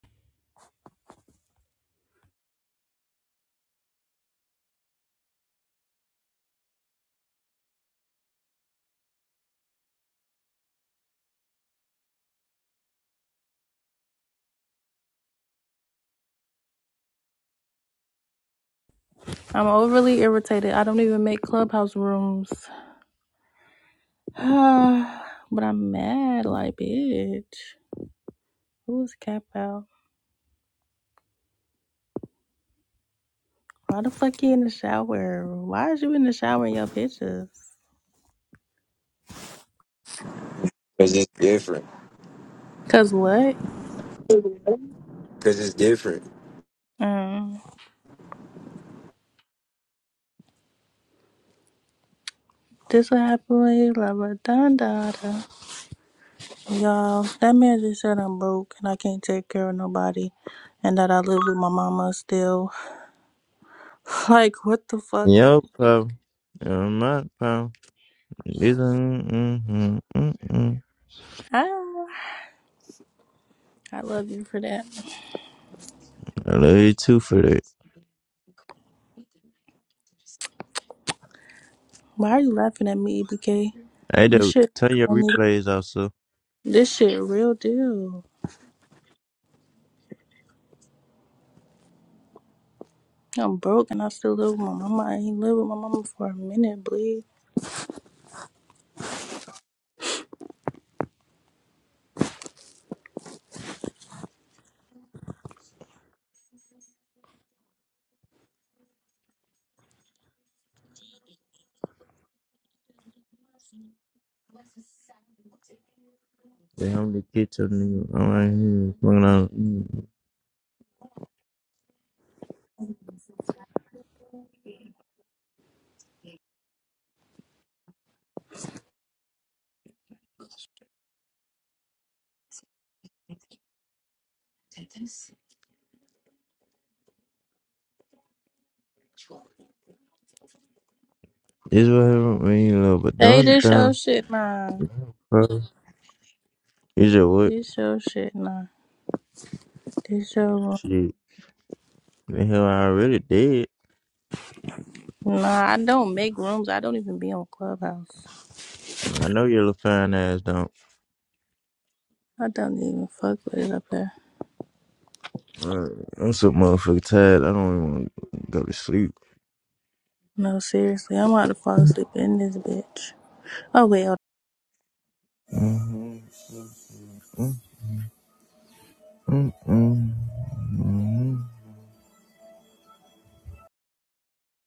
I'm overly irritated. I don't even make clubhouse rooms. but I'm mad, like, bitch. Who's Cap out? Why the fuck you in the shower? Why is you in the shower in your pictures? Cause it's different. Cause what? Cause it's different. Mm. This what happened when you love her. Dun, dun, dun. Y'all, that man just said I'm broke and I can't take care of nobody and that I live with my mama still. like, what the fuck? Yo, pal. You're my pal. You don't- mm, mm, mm, mm. I, don't know. I love you for that. I love you too for that. Why are you laughing at me, EBK? Hey, This though, shit turn your funny. replays off, so This shit real deal. I'm broke and I still live with my mama. I ain't lived with my mama for a minute, bleed. they only get your nigga. I'm right here smoking out. mm. This what happened when you love, but Hey, don't this your down, shit, nah. bro. You just what? This your shit, nah. This your room. Shit. The hell, I already did. Nah, I don't make rooms. I don't even be on Clubhouse. I know your little fine ass don't. I don't even fuck with it up there. Uh, I'm so motherfucking tired. I don't even want to go to sleep. No, seriously, I'm about to fall asleep in this bitch. Oh wait, hold Mm-hmm. Mm-hmm. Mm-hmm. Mm-hmm.